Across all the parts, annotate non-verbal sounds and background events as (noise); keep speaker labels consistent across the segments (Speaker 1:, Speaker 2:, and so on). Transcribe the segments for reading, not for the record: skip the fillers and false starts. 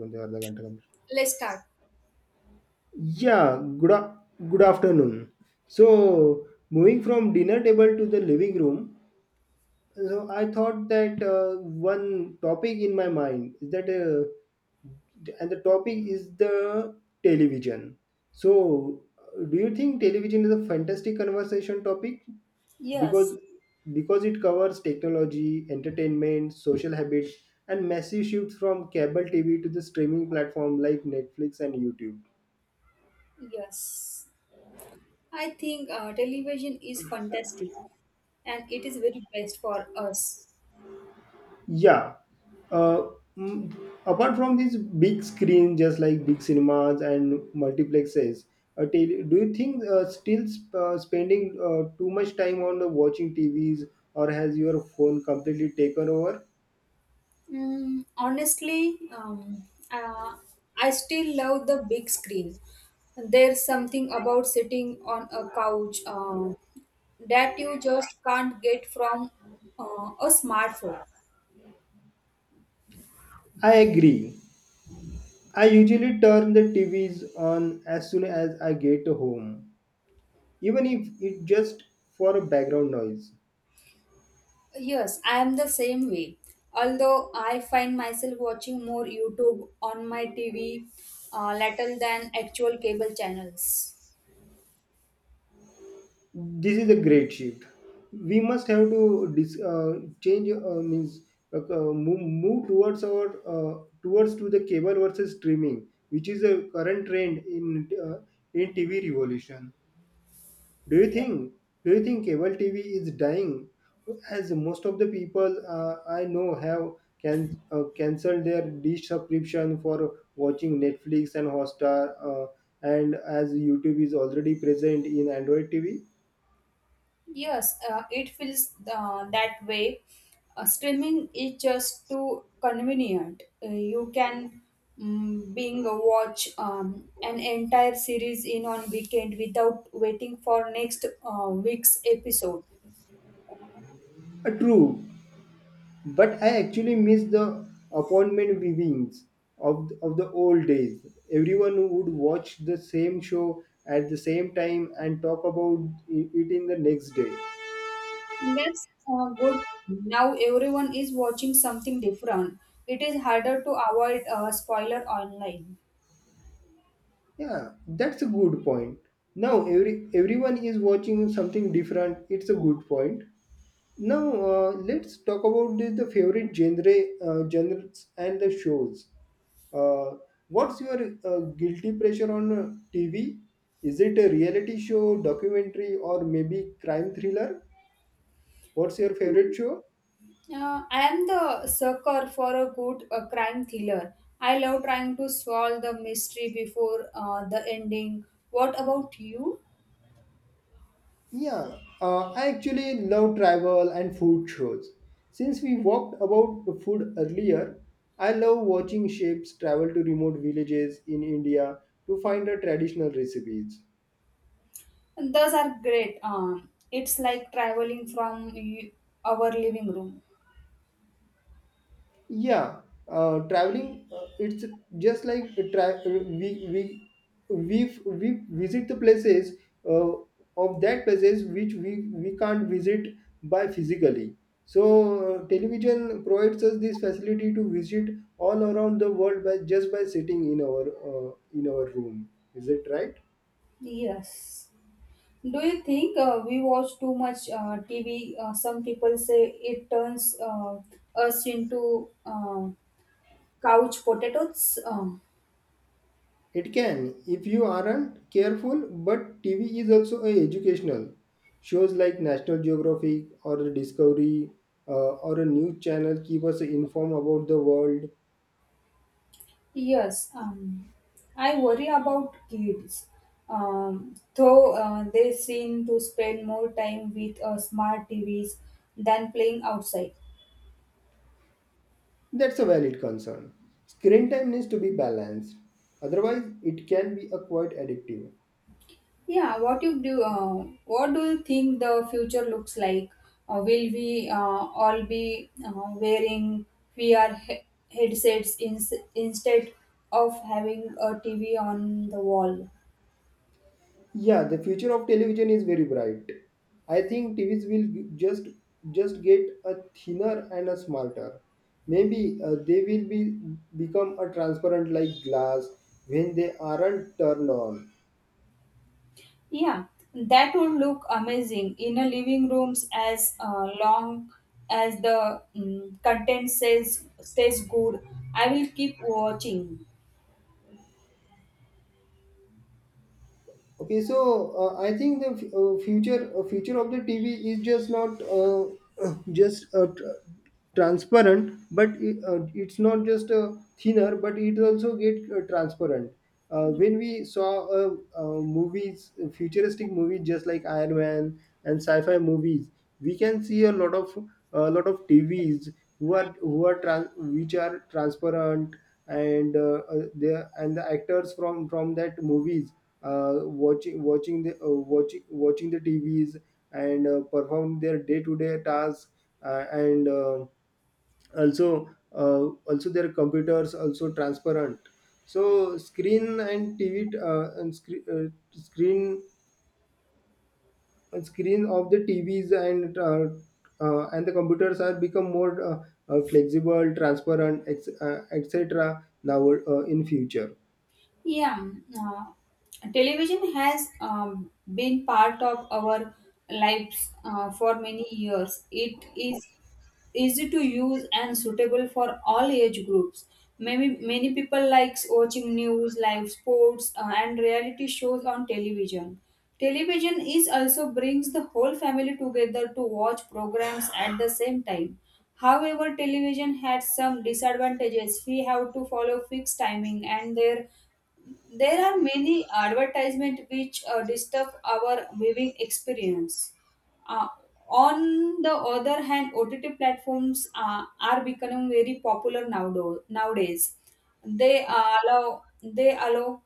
Speaker 1: కొంచెం అర్ధ గంట complete
Speaker 2: Let's start.
Speaker 1: Yeah, good a- good afternoon. So, moving from dinner table to the living room, so I thought that one topic in my mind is that, and the topic is the television. So, do you think television is a fantastic conversation topic because
Speaker 2: Yes,
Speaker 1: because it covers technology, entertainment, social habits, and massive shifts from cable TV to the streaming platform like Netflix and YouTube?
Speaker 2: Yes, I think television is fantastic and it is very best for us.
Speaker 1: Yeah. Uh, mm, apart from these big screen, just like big cinemas and multiplexes, do you think still spending too much time on the watching TVs or has your phone completely taken over?
Speaker 2: Honestly, I still love the big screen. There's something about sitting on a couch that you just can't get from a smartphone.
Speaker 1: I agree. I usually turn the TVs on as soon as I get home, even if it's just for a background noise.
Speaker 2: Yes, I am the same way. Although I find myself watching more YouTube on my TV little than actual cable channels.
Speaker 1: This is a great shift. We must have to change means move towards our towards to the cable versus streaming, which is a current trend in TV revolution. Do you
Speaker 2: Yeah.
Speaker 1: think cable TV is dying, as most of the people I know have cancelled their dish subscription for watching Netflix and Hotstar, and as YouTube is already present in Android TV.
Speaker 2: Yes, it feels that way. Streaming is just too convenient. You can being a watch an entire series in on weekend without waiting for next week's episode.
Speaker 1: True. But I actually miss the appointment viewings of the old days. Everyone would watch the same show at the same time and talk about it in the next day.
Speaker 2: That's good. Now everyone is watching something different. It is harder to avoid spoiler online.
Speaker 1: Yeah, that's a good point. Now everyone is watching something different. It's a good point. Now let's talk about the favorite genre, genres and the shows. Uh, what's your guilty pleasure on TV? Is it a reality show, documentary, or maybe crime thriller? What's your favorite show?
Speaker 2: I am the sucker for a good crime thriller. I love trying to solve the mystery before the ending. What about you?
Speaker 1: Yeah, I actually love travel and food shows. Since we walked about the food earlier, I love watching chefs travel to remote villages in India to find the traditional recipes.
Speaker 2: Those are great. It's like traveling from our living room.
Speaker 1: Yeah, traveling, it's just like a we visit the places, uh, of that places which we can't visit by physically. So television provides us this facility to visit all around the world by just by sitting in our room is it right?
Speaker 2: Yes. Do you think we watch too much TV? Some people say it turns us into couch potatoes.
Speaker 1: It can, if you aren't careful, but TV is also a educational. Shows like National Geographic or the Discovery, or a news channel, keep us informed about the world.
Speaker 2: Yes, I worry about kids. Though they seem to spend more time with smart TVs than playing outside.
Speaker 1: That's a valid concern. Screen time needs to be balanced, otherwise, it can be a quite addictive.
Speaker 2: Yeah, what you do? What do you think the future looks like? Will we all be wearing VR headsets instead of having a TV on the wall?
Speaker 1: Yeah, the future of television is very bright. I think TVs will just get a thinner and a smarter. Maybe they will be become a transparent like glass when they aren't turned on.
Speaker 2: Yeah, that would look amazing in a living rooms as long as the content says stays good. I will keep watching.
Speaker 1: Okay, so I think the future of the TV is just not (clears throat) just transparent, but it's not just thinner, but it also get transparent. When we saw movies, futuristic movies just like Iron Man and sci-fi movies, we can see a lot of TVs who are which are transparent, and and the actors from that movies, uh, watching watching the TVs and perform their day to day tasks, and also uh, also their computers also transparent. So screen and TV and screen screen screen of the TVs and the computers are become more flexible transparent etc now in future.
Speaker 2: Yeah, Television has been part of our lives for many years. It is easy to use and suitable for all age groups. Many people likes watching news, live sports, and reality shows on television. Television is also brings the whole family together to watch programs at the same time. However, television had some disadvantages. We have to follow fixed timing and there. There are many advertisements which disturb our viewing experience. Uh, on the other hand, OTT platforms are becoming very popular nowadays. They allow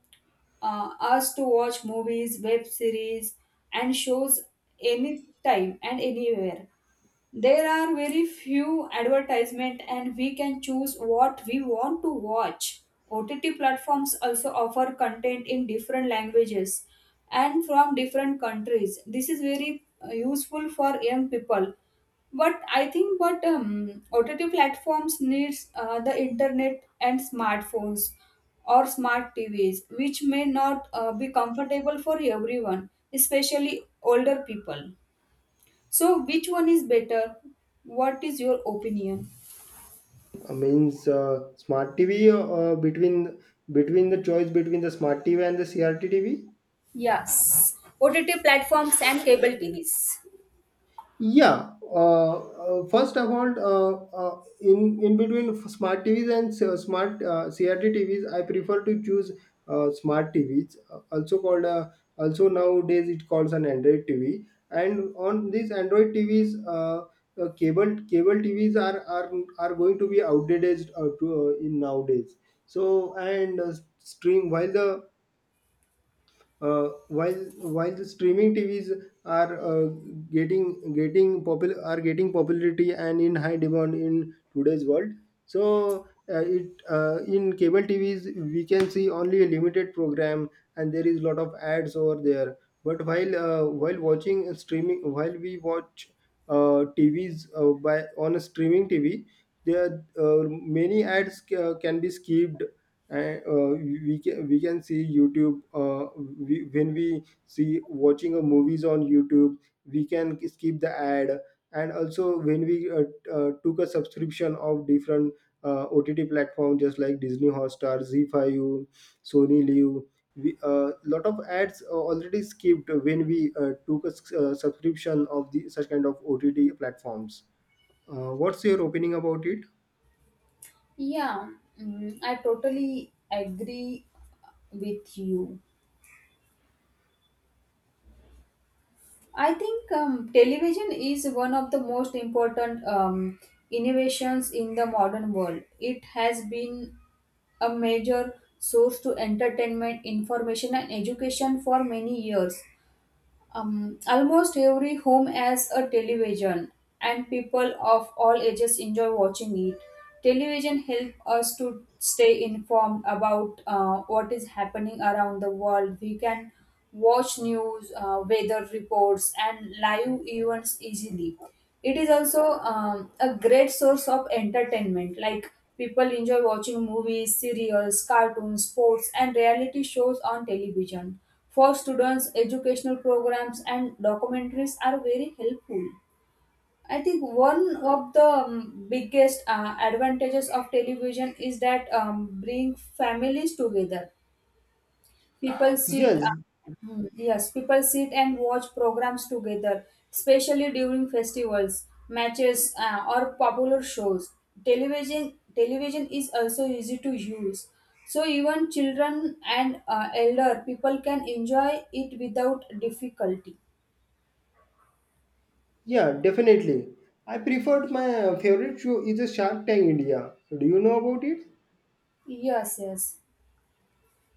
Speaker 2: us to watch movies, web series, and shows anytime and anywhere. There are very few advertisement and we can choose what we want to watch. OTT platforms also offer content in different languages and from different countries. This is very useful for young people. But I think but OTT platforms needs the internet and smartphones or smart TVs which may not be comfortable for everyone, especially older people. So, which one is better? What is your opinion?
Speaker 1: Means Smart TV between the choice between the smart TV and the CRT TV.
Speaker 2: Yes, OTT platforms and cable TVs.
Speaker 1: Yeah. First of all, in between smart TVs and s- smart CRT TVs, I prefer to choose smart TVs, also called, also nowadays it calls an Android TV. And on these Android TVs, cable TVs are going to be outdated in nowadays. So and stream while the uh, while streaming TVs are getting popularity and in high demand in today's world. So it in cable TVs we can see only a limited program, and there is lot of ads over there. But while watching a streaming while we watch uh, TVs uh, by on a streaming TV, there many ads can be skipped, and we can see YouTube. When we see watching a movies on YouTube we can skip the ad, and also when we took a subscription of different OTT platform just like Disney Hotstar z5u Sony Live. We Lot of ads are already skipped when we took a subscription of the such kind of OTT platforms. What's your opinion about it?
Speaker 2: Yeah, I totally agree with you. I think television is one of the most important innovations in the modern world. It has been a major source to entertainment, information, and education for many years. Almost every home has a television, and people of all ages enjoy watching it. Television helps us to stay informed about what is happening around the world. We can watch news, weather reports, and live events easily. It is also a great source of entertainment. Like people enjoy watching movies, serials, cartoons, sports, and reality shows on television for students educational programs and documentaries are very helpful. I think one of the biggest advantages of television is that bring families together. People sit,
Speaker 1: Yes.
Speaker 2: Yes, people sit and watch programs together, especially during festivals, matches, or popular shows. Television is also easy to use, so even children and elder people can enjoy it without difficulty.
Speaker 1: Yeah, definitely. I preferred my favorite show is a Shark Tank India. Do you know about it?
Speaker 2: Yes, yes,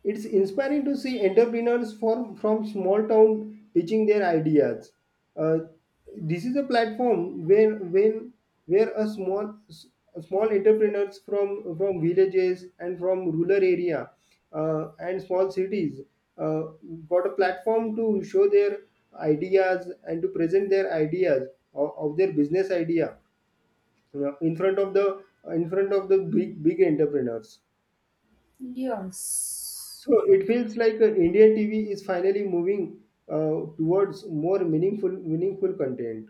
Speaker 1: It's inspiring to see entrepreneurs from small town pitching their ideas. Uh, this is a platform where a small entrepreneurs from villages and from rural area, and small cities, uh, got a platform to show their ideas and to present their ideas of their business idea. Yeah, in front of the big entrepreneurs.
Speaker 2: yes.
Speaker 1: So it feels like Indian TV is finally moving towards more meaningful content.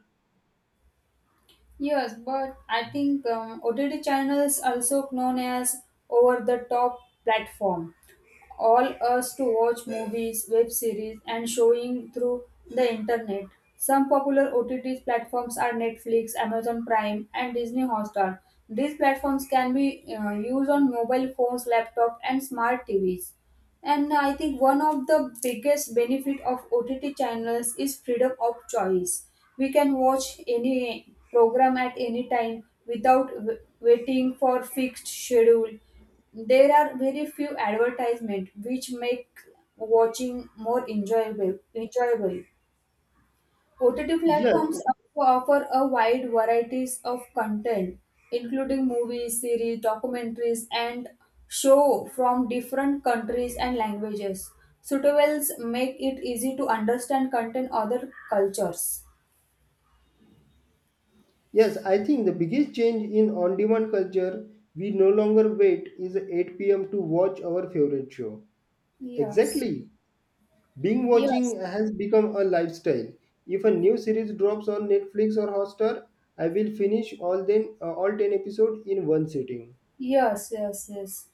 Speaker 2: Yes, but I think OTT channels, also known as over the top platform, all us to watch movies, web series, and showing through the internet. Some popular OTT platforms are Netflix, Amazon Prime, and Disney Hotstar. These platforms can be used on mobile phones, laptop, and smart TVs. And I think one of the biggest benefit of OTT channels is freedom of choice. We can watch any program at any time without waiting for fixed schedule. There are very few advertisements which make watching more enjoyable. Enjoyable. OTT
Speaker 1: Yes,
Speaker 2: platforms offer a wide varieties of content, including movies, series, documentaries, and show from different countries and languages. Suitables make it easy to understand content other cultures.
Speaker 1: yes, I think the biggest change in on-demand culture, we no longer wait is 8 p.m. to watch our favorite show.
Speaker 2: Yes.
Speaker 1: Exactly. Binge watching
Speaker 2: Yes.
Speaker 1: has become a lifestyle. If a new series drops on Netflix or Hotstar, I will finish all 10 episodes in one sitting.
Speaker 2: Yes. Yes. Yes.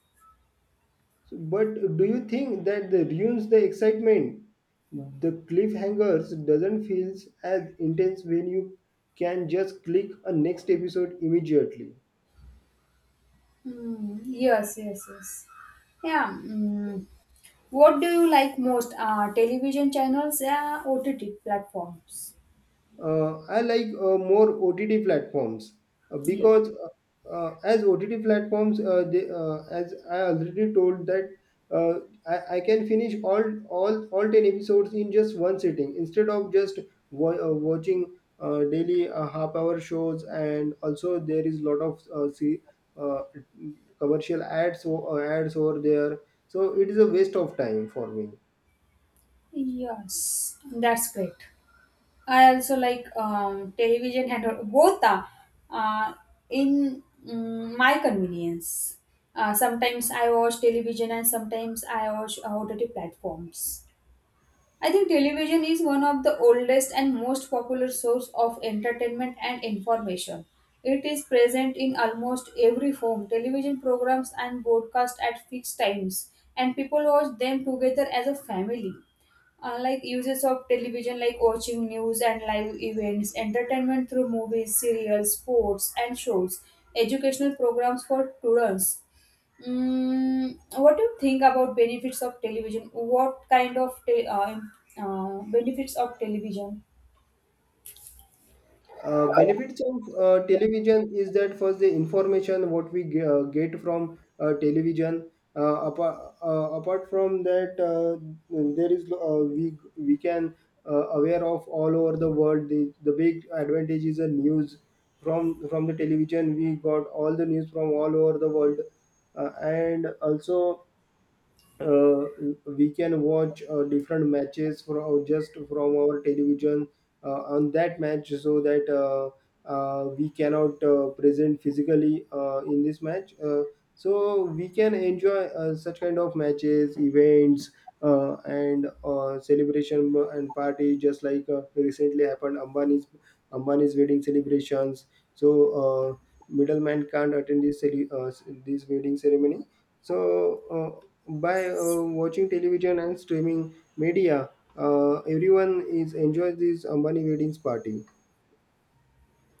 Speaker 1: So, but do you think that the ruins the excitement? The cliffhangers doesn't feels as intense when you can just click a next episode immediately.
Speaker 2: Yes, yes, yes. Yeah. Mm. What do you like most? Television channels, OTT platforms.
Speaker 1: I like more OTT platforms,
Speaker 2: Yeah.
Speaker 1: because, as OTT platforms, as I already told that, uh, I can finish all 10 episodes in just one sitting, instead of just watching daily half hour shows. And also there is lot of see uh, commercial ads ads over there, so it is a waste of time for me.
Speaker 2: Yes, that's great. I also like television and both are uh, in my convenience. Sometimes I watch television and sometimes I watch OTT platforms. I think television is one of the oldest and most popular source of entertainment and information. It is present in almost every form. Television programs and broadcast at fixed times and people watch them together as a family. Unlike uses of television like watching news and live events, entertainment through movies, serials, sports and shows, educational programs for students. What do you think about benefits of television? What kind of benefits of television?
Speaker 1: Benefits of television is that first the information what we get from television. uh, apart, apart from that, there is we can, aware of all over the world. The big advantage is the news. From the television we got all the news from all over the world. And also uh, we can watch different matches from just from our television on that match. So that we cannot present physically in this match. So we can enjoy such kind of matches events, and celebration and party just like recently happened Ambani's wedding celebrations. So uh, middleman can't attend this wedding ceremony. So by watching television and streaming media, everyone is enjoys this Ambani weddings party.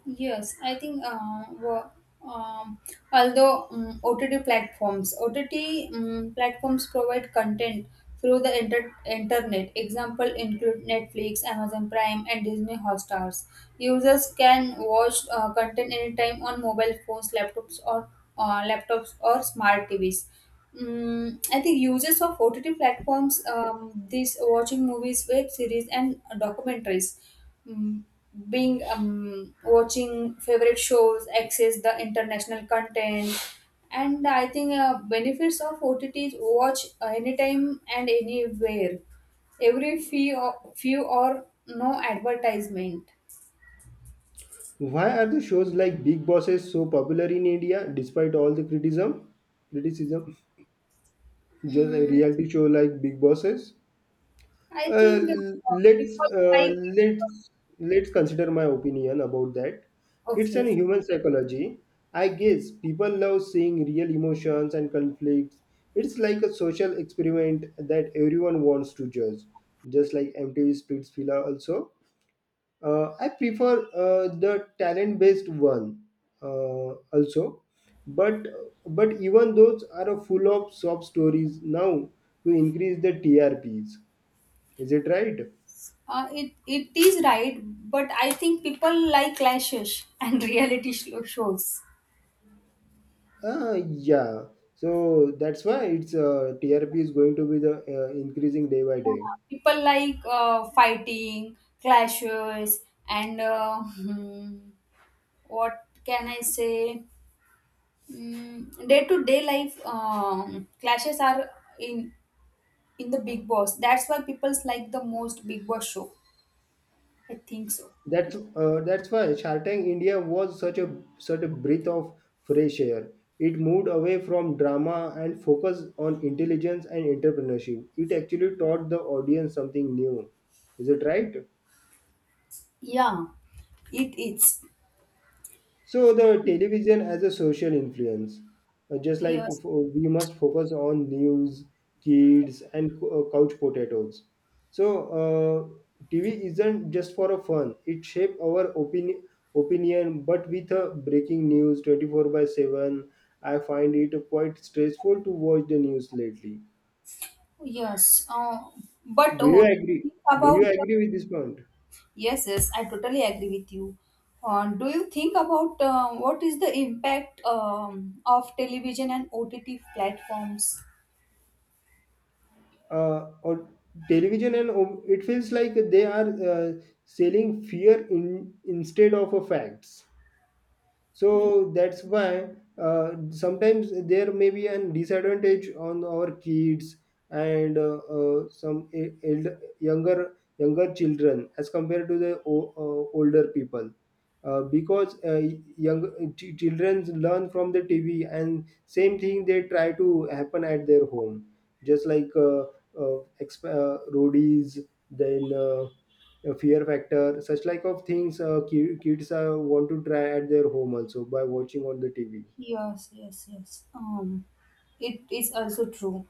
Speaker 2: Yes, I think um, although OTT platforms, OTT platforms provide content through the internet. Example include Netflix, Amazon Prime, and Disney Hotstar's. Users can watch content anytime on mobile phones, laptops, or smart TVs. I think users of OTT platforms, this watching movies, web series, and documentaries mm, being watching favorite shows access the international content. And I think benefits of OTT is watch anytime and anywhere, every few or no advertisement.
Speaker 1: Why are the shows like Big Bosses so popular in India despite all the criticism? Criticism, just a
Speaker 2: mm,
Speaker 1: reality show like Big Bosses.
Speaker 2: I think
Speaker 1: Let's
Speaker 2: people like
Speaker 1: let's consider my opinion about that. It's an
Speaker 2: okay
Speaker 1: human psychology. I guess people love seeing real emotions and conflicts. It's like a social experiment that everyone wants to judge, just like MTV Splitsvilla also. I prefer the talent-based one also, but but even those are a full of sob stories now to increase the TRPs. Is it right?
Speaker 2: it it is right but I think people like clashes and (laughs) reality shows.
Speaker 1: Yeah. So that's why its TRP is going to be the increasing day by day.
Speaker 2: People like fighting, clashes, and (laughs) what can I say? Day to day life clashes are in in the Big Boss. That's why people's like the most Big Boss show. I think so.
Speaker 1: That's why Shark Tank India was such a breath of fresh air. It moved away from drama and focused on intelligence and entrepreneurship. It actually taught the audience something new. Is it right?
Speaker 2: Yeah, it is.
Speaker 1: So the television as a social influence,
Speaker 2: Yes,
Speaker 1: we must focus on news, kids, and couch potatoes. So TV isn't just for a fun; it shapes our opinion, but with a breaking news twenty four by seven. I find it quite stressful to watch the news lately.
Speaker 2: yes. Uh, but
Speaker 1: Do you
Speaker 2: oh,
Speaker 1: agree?
Speaker 2: think
Speaker 1: Do you
Speaker 2: about.
Speaker 1: agree with this point?
Speaker 2: Yes, yes, I totally agree with you. Do you think about what is the impact of television and OTT platforms?
Speaker 1: Or television and it feels like they are selling fear in instead of a facts, so that's why sometimes there may be an disadvantage on our kids. And some elder, younger children as compared to the older people, because young children learn from the tv and same thing they try to happen at their home, just like roadies. Then a fear factor such like of things, kids want to try at their home also by watching on the tv.
Speaker 2: Yes, yes, yes. It is also true.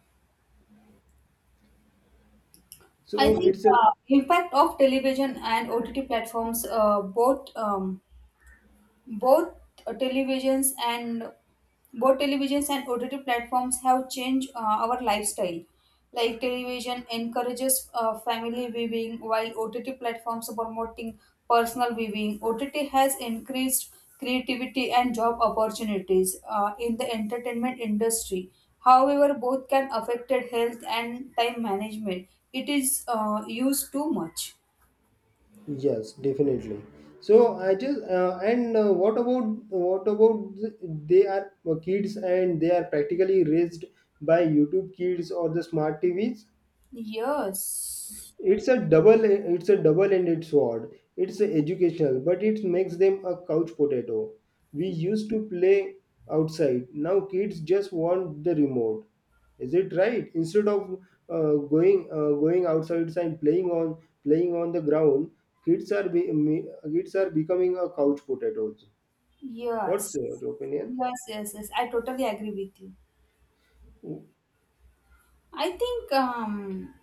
Speaker 2: I
Speaker 1: So
Speaker 2: think
Speaker 1: it's a,
Speaker 2: impact of television and OTT platforms both televisions and OTT platforms have changed our lifestyle. Like television encourages family viewing, while OTT platforms are promoting personal viewing. OTT has increased creativity and job opportunities in the entertainment industry. However, both can affect health and time management. It is used too much.
Speaker 1: yes, definitely. So I just and what about the, they are kids and they are practically raised by YouTube Kids or the smart tvs.
Speaker 2: Yes.
Speaker 1: It's a double, it's a double-ended sword. It's educational, but it makes them a couch potato. We used to play outside. Now kids just want the remote. Is it right? Instead of going outside and playing on the ground, kids are kids are becoming a couch potatoes. What's
Speaker 2: Yes.
Speaker 1: your opinion?
Speaker 2: Yes, yes, yes. I totally agree with you. I think um,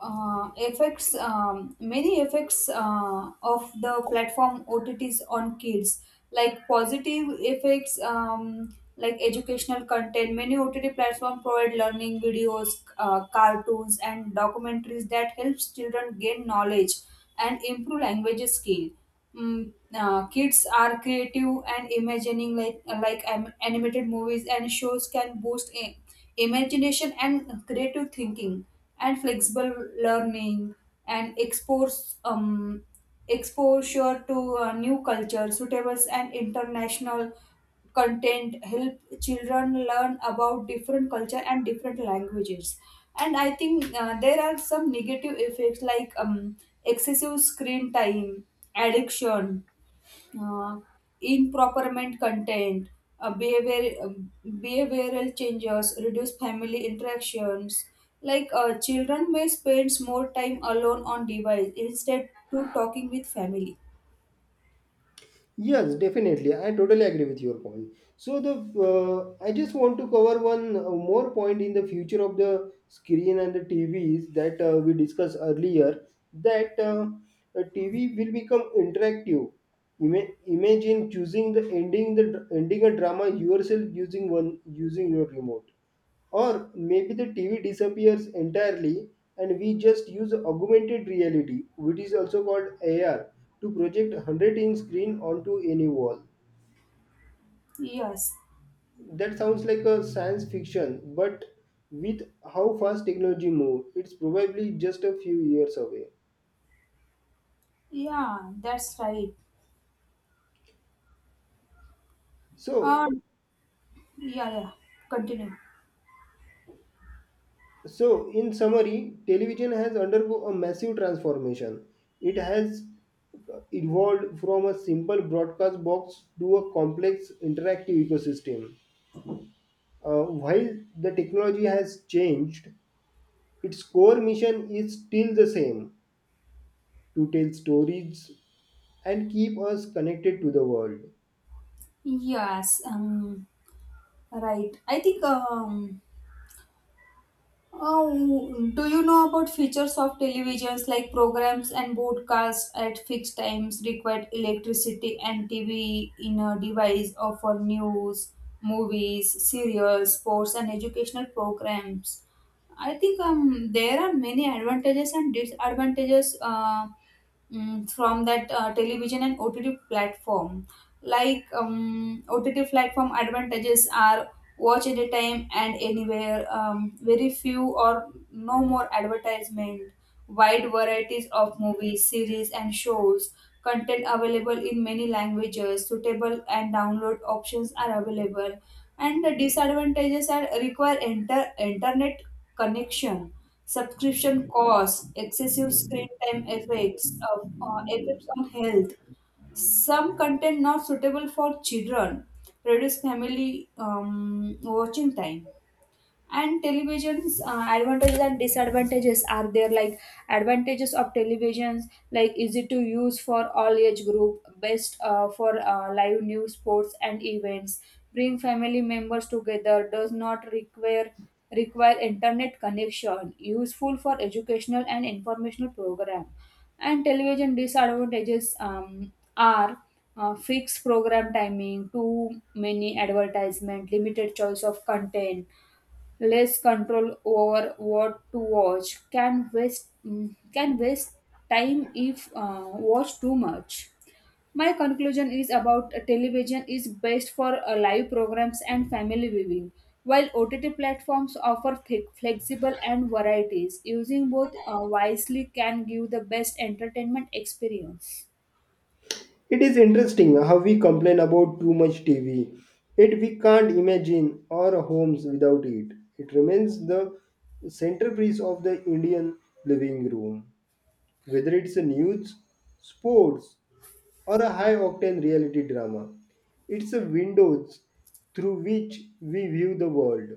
Speaker 2: uh, effects, many effects of the platform OTTs on kids, like positive effects, like educational content. Many OTT platforms provide learning videos, cartoons, and documentaries that helps children gain knowledge and improve language skill. Kids are creative and imagining, like animated movies and shows can boost imagination and creative thinking, and flexible learning and expose exposure to new culture suitables and international content help children learn about different culture and different languages. And I think there are some negative effects like excessive screen time addiction, uh, improperment content, behavior behavioral changes reduced family interactions. Like children may spend more time alone on device instead to talking with family.
Speaker 1: Yes, definitely. I totally agree with your point. So the, I just want to cover one more point in the future of the screen and the TVs that we discussed earlier. That a TV will become interactive. Imagine choosing the ending the dr- ending a drama yourself using your remote, or maybe the TV disappears entirely and we just use augmented reality, which is also called AR, to project a 100-inch screen onto any wall.
Speaker 2: Yes.
Speaker 1: That sounds like a science fiction, but with how fast technology moves, it's probably just a few years away.
Speaker 2: Yeah, that's right. uh,
Speaker 1: So,
Speaker 2: yeah, yeah, continue.
Speaker 1: so in summary, television has undergone a massive transformation. It has evolved from a simple broadcast box to a complex interactive ecosystem. While the technology has changed, its core mission is still the same: to tell stories and keep us connected to the world.
Speaker 2: Yes, right. I think Oh, do you know about features of televisions like programs and broadcasts at fixed times required electricity and TV in a device or for news, movies, serials, sports, and educational programs? I think there are many advantages and disadvantages from that television and OTT platform. Like OTT platform advantages are watch anytime and anywhere. Very few or no more advertisement. Wide varieties of movies, series, and shows. Content available in many languages. Suitable and download options are available. And the disadvantages are require internet connection, subscription costs, excessive screen time effects of effects on health, some content not suitable for children, reduce family watching time. And television's advantages and disadvantages are there, like advantages of televisions, like easy to use for all age group, best for live news sports and events, bring family members together, does not require internet connection, useful for educational and informational program. And television disadvantages are fixed program timing, too many advertisement, limited choice of content, less control over what to watch, can waste time if watch too much. My conclusion is about television is best for live programs and family viewing, while OTT platforms offer flexible and varieties. Using both wisely can give the best entertainment experience.
Speaker 1: It is interesting how we complain about too much TV, yet we can't imagine our homes without it. It remains the centerpiece of the Indian living room, whether it's a news, sports, or a high octane reality drama. It's a windows through which we view the world.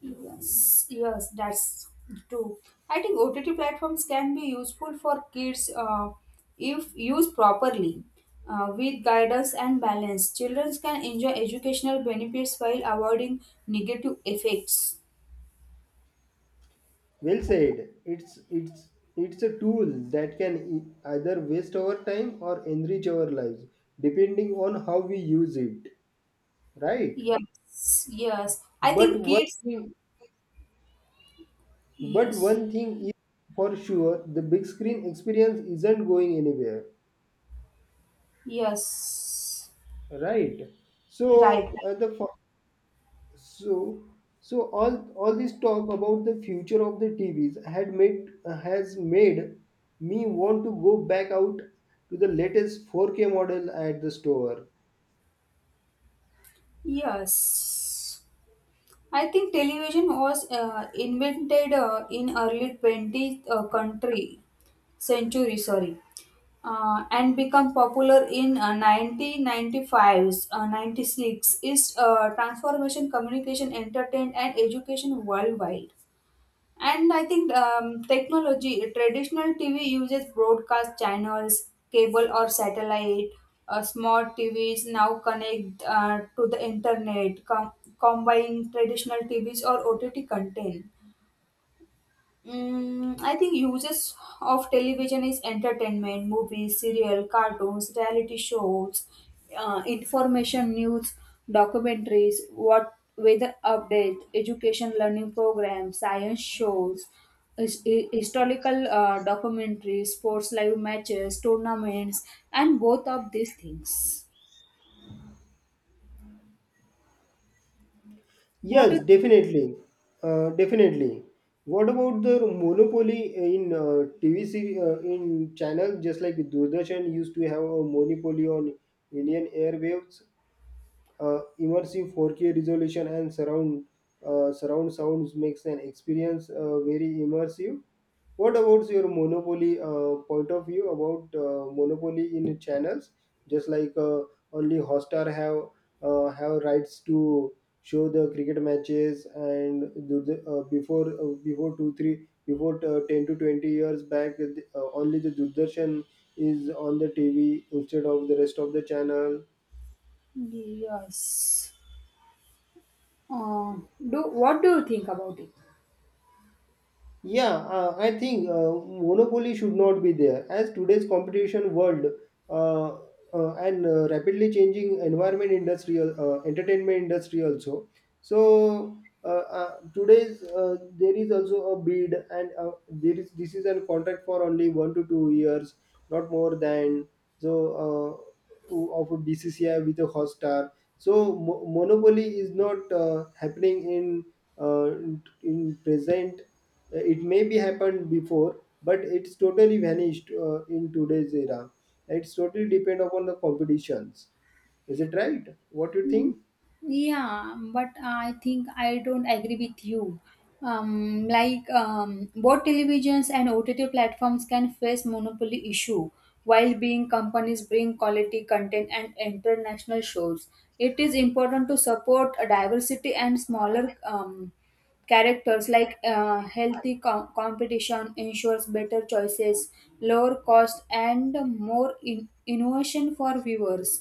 Speaker 2: Yes, yes, that's true. I think OTT platforms can be useful for kids if used properly. With guidance and balance, children can enjoy educational benefits while avoiding negative effects.
Speaker 1: Well said. It's a tool that can either waste our time or enrich our lives, depending on how we use it. Right?
Speaker 2: Yes, yes. I
Speaker 1: But
Speaker 2: think
Speaker 1: one
Speaker 2: kids,
Speaker 1: thing, but
Speaker 2: yes,
Speaker 1: one thing is for sure, the big screen experience isn't going anywhere.
Speaker 2: yes,
Speaker 1: Right?
Speaker 2: right.
Speaker 1: So uh, the So, so all this talk about the future of the TVs had made has made me want to go back out to the latest 4K model at the store.
Speaker 2: Yes. I think television was invented in early 20th country century, sorry. And become popular in 1995s, 96 is transformation, communication, entertainment, and education worldwide. And I think technology, traditional TV uses broadcast channels, cable or satellite. Smart TVs now connect to the internet, combine traditional TVs or OTT content. I think uses of television is entertainment, movies, serial, cartoons, reality shows, information, news, documentaries, what weather update, education, learning programs, science shows, historical documentaries, sports live matches, tournaments, and both of these things. What
Speaker 1: Yes,
Speaker 2: is
Speaker 1: definitely, definitely. What about the monopoly in TV series in channel? Just like Doordarshan used to have a monopoly on Indian airwaves. Immersive 4K resolution and surround sounds makes an experience very immersive. What about your monopoly point of view about monopoly in channels? Just like only Hotstar have rights to show the cricket matches and do the, before 2 3 before 10 to 20 years back, only the Doordarshan is on the TV instead of the rest of the channel.
Speaker 2: yes? Uh, do what do you think about it?
Speaker 1: Yeah, I think monopoly should not be there as today's competition world, uh, and rapidly changing environment industrial entertainment industry also. So today's, there is also a bid, and there is, this is a contract for only 1 to 2 years, not more than. So of a BCCI with a host star. So monopoly is not happening in present. It may be happened before, but it's totally vanished in today's era. It's totally depend upon the competitions. Is it right? What you think?
Speaker 2: Yeah, but I think I don't agree with you. Like both televisions and OTT platforms can face monopoly issue while being companies bring quality content and international shows. It is important to support diversity and smaller characters, like healthy competition ensures better choices, lower cost and more innovation for viewers.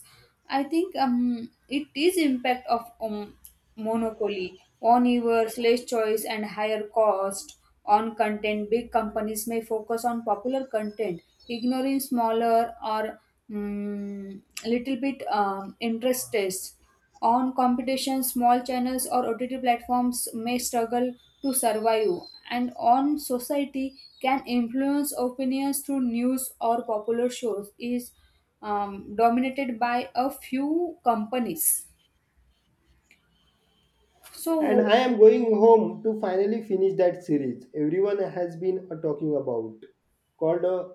Speaker 2: I think it is impact of monopoly on viewers, less choice and higher cost. On content, big companies may focus on popular content ignoring smaller or little bit interest tests. On competition, small channels or OTT platforms may struggle to survive, and on society can influence opinions through news or popular shows is dominated by a few companies.
Speaker 1: And
Speaker 2: So
Speaker 1: I am going home to finally finish that series everyone has been talking about, called uh,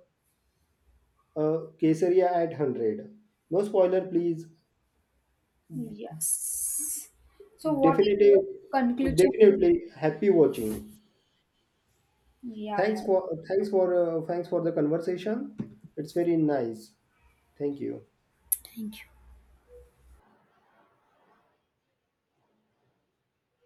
Speaker 1: uh, Kesaria at 100. No spoiler, please.
Speaker 2: yes. So what is
Speaker 1: Definitely,
Speaker 2: the conclusion?
Speaker 1: definitely happy watching.
Speaker 2: Yeah,
Speaker 1: Thanks
Speaker 2: yeah.
Speaker 1: for thanks for the conversation. It's very nice. Thank you.
Speaker 2: Thank you.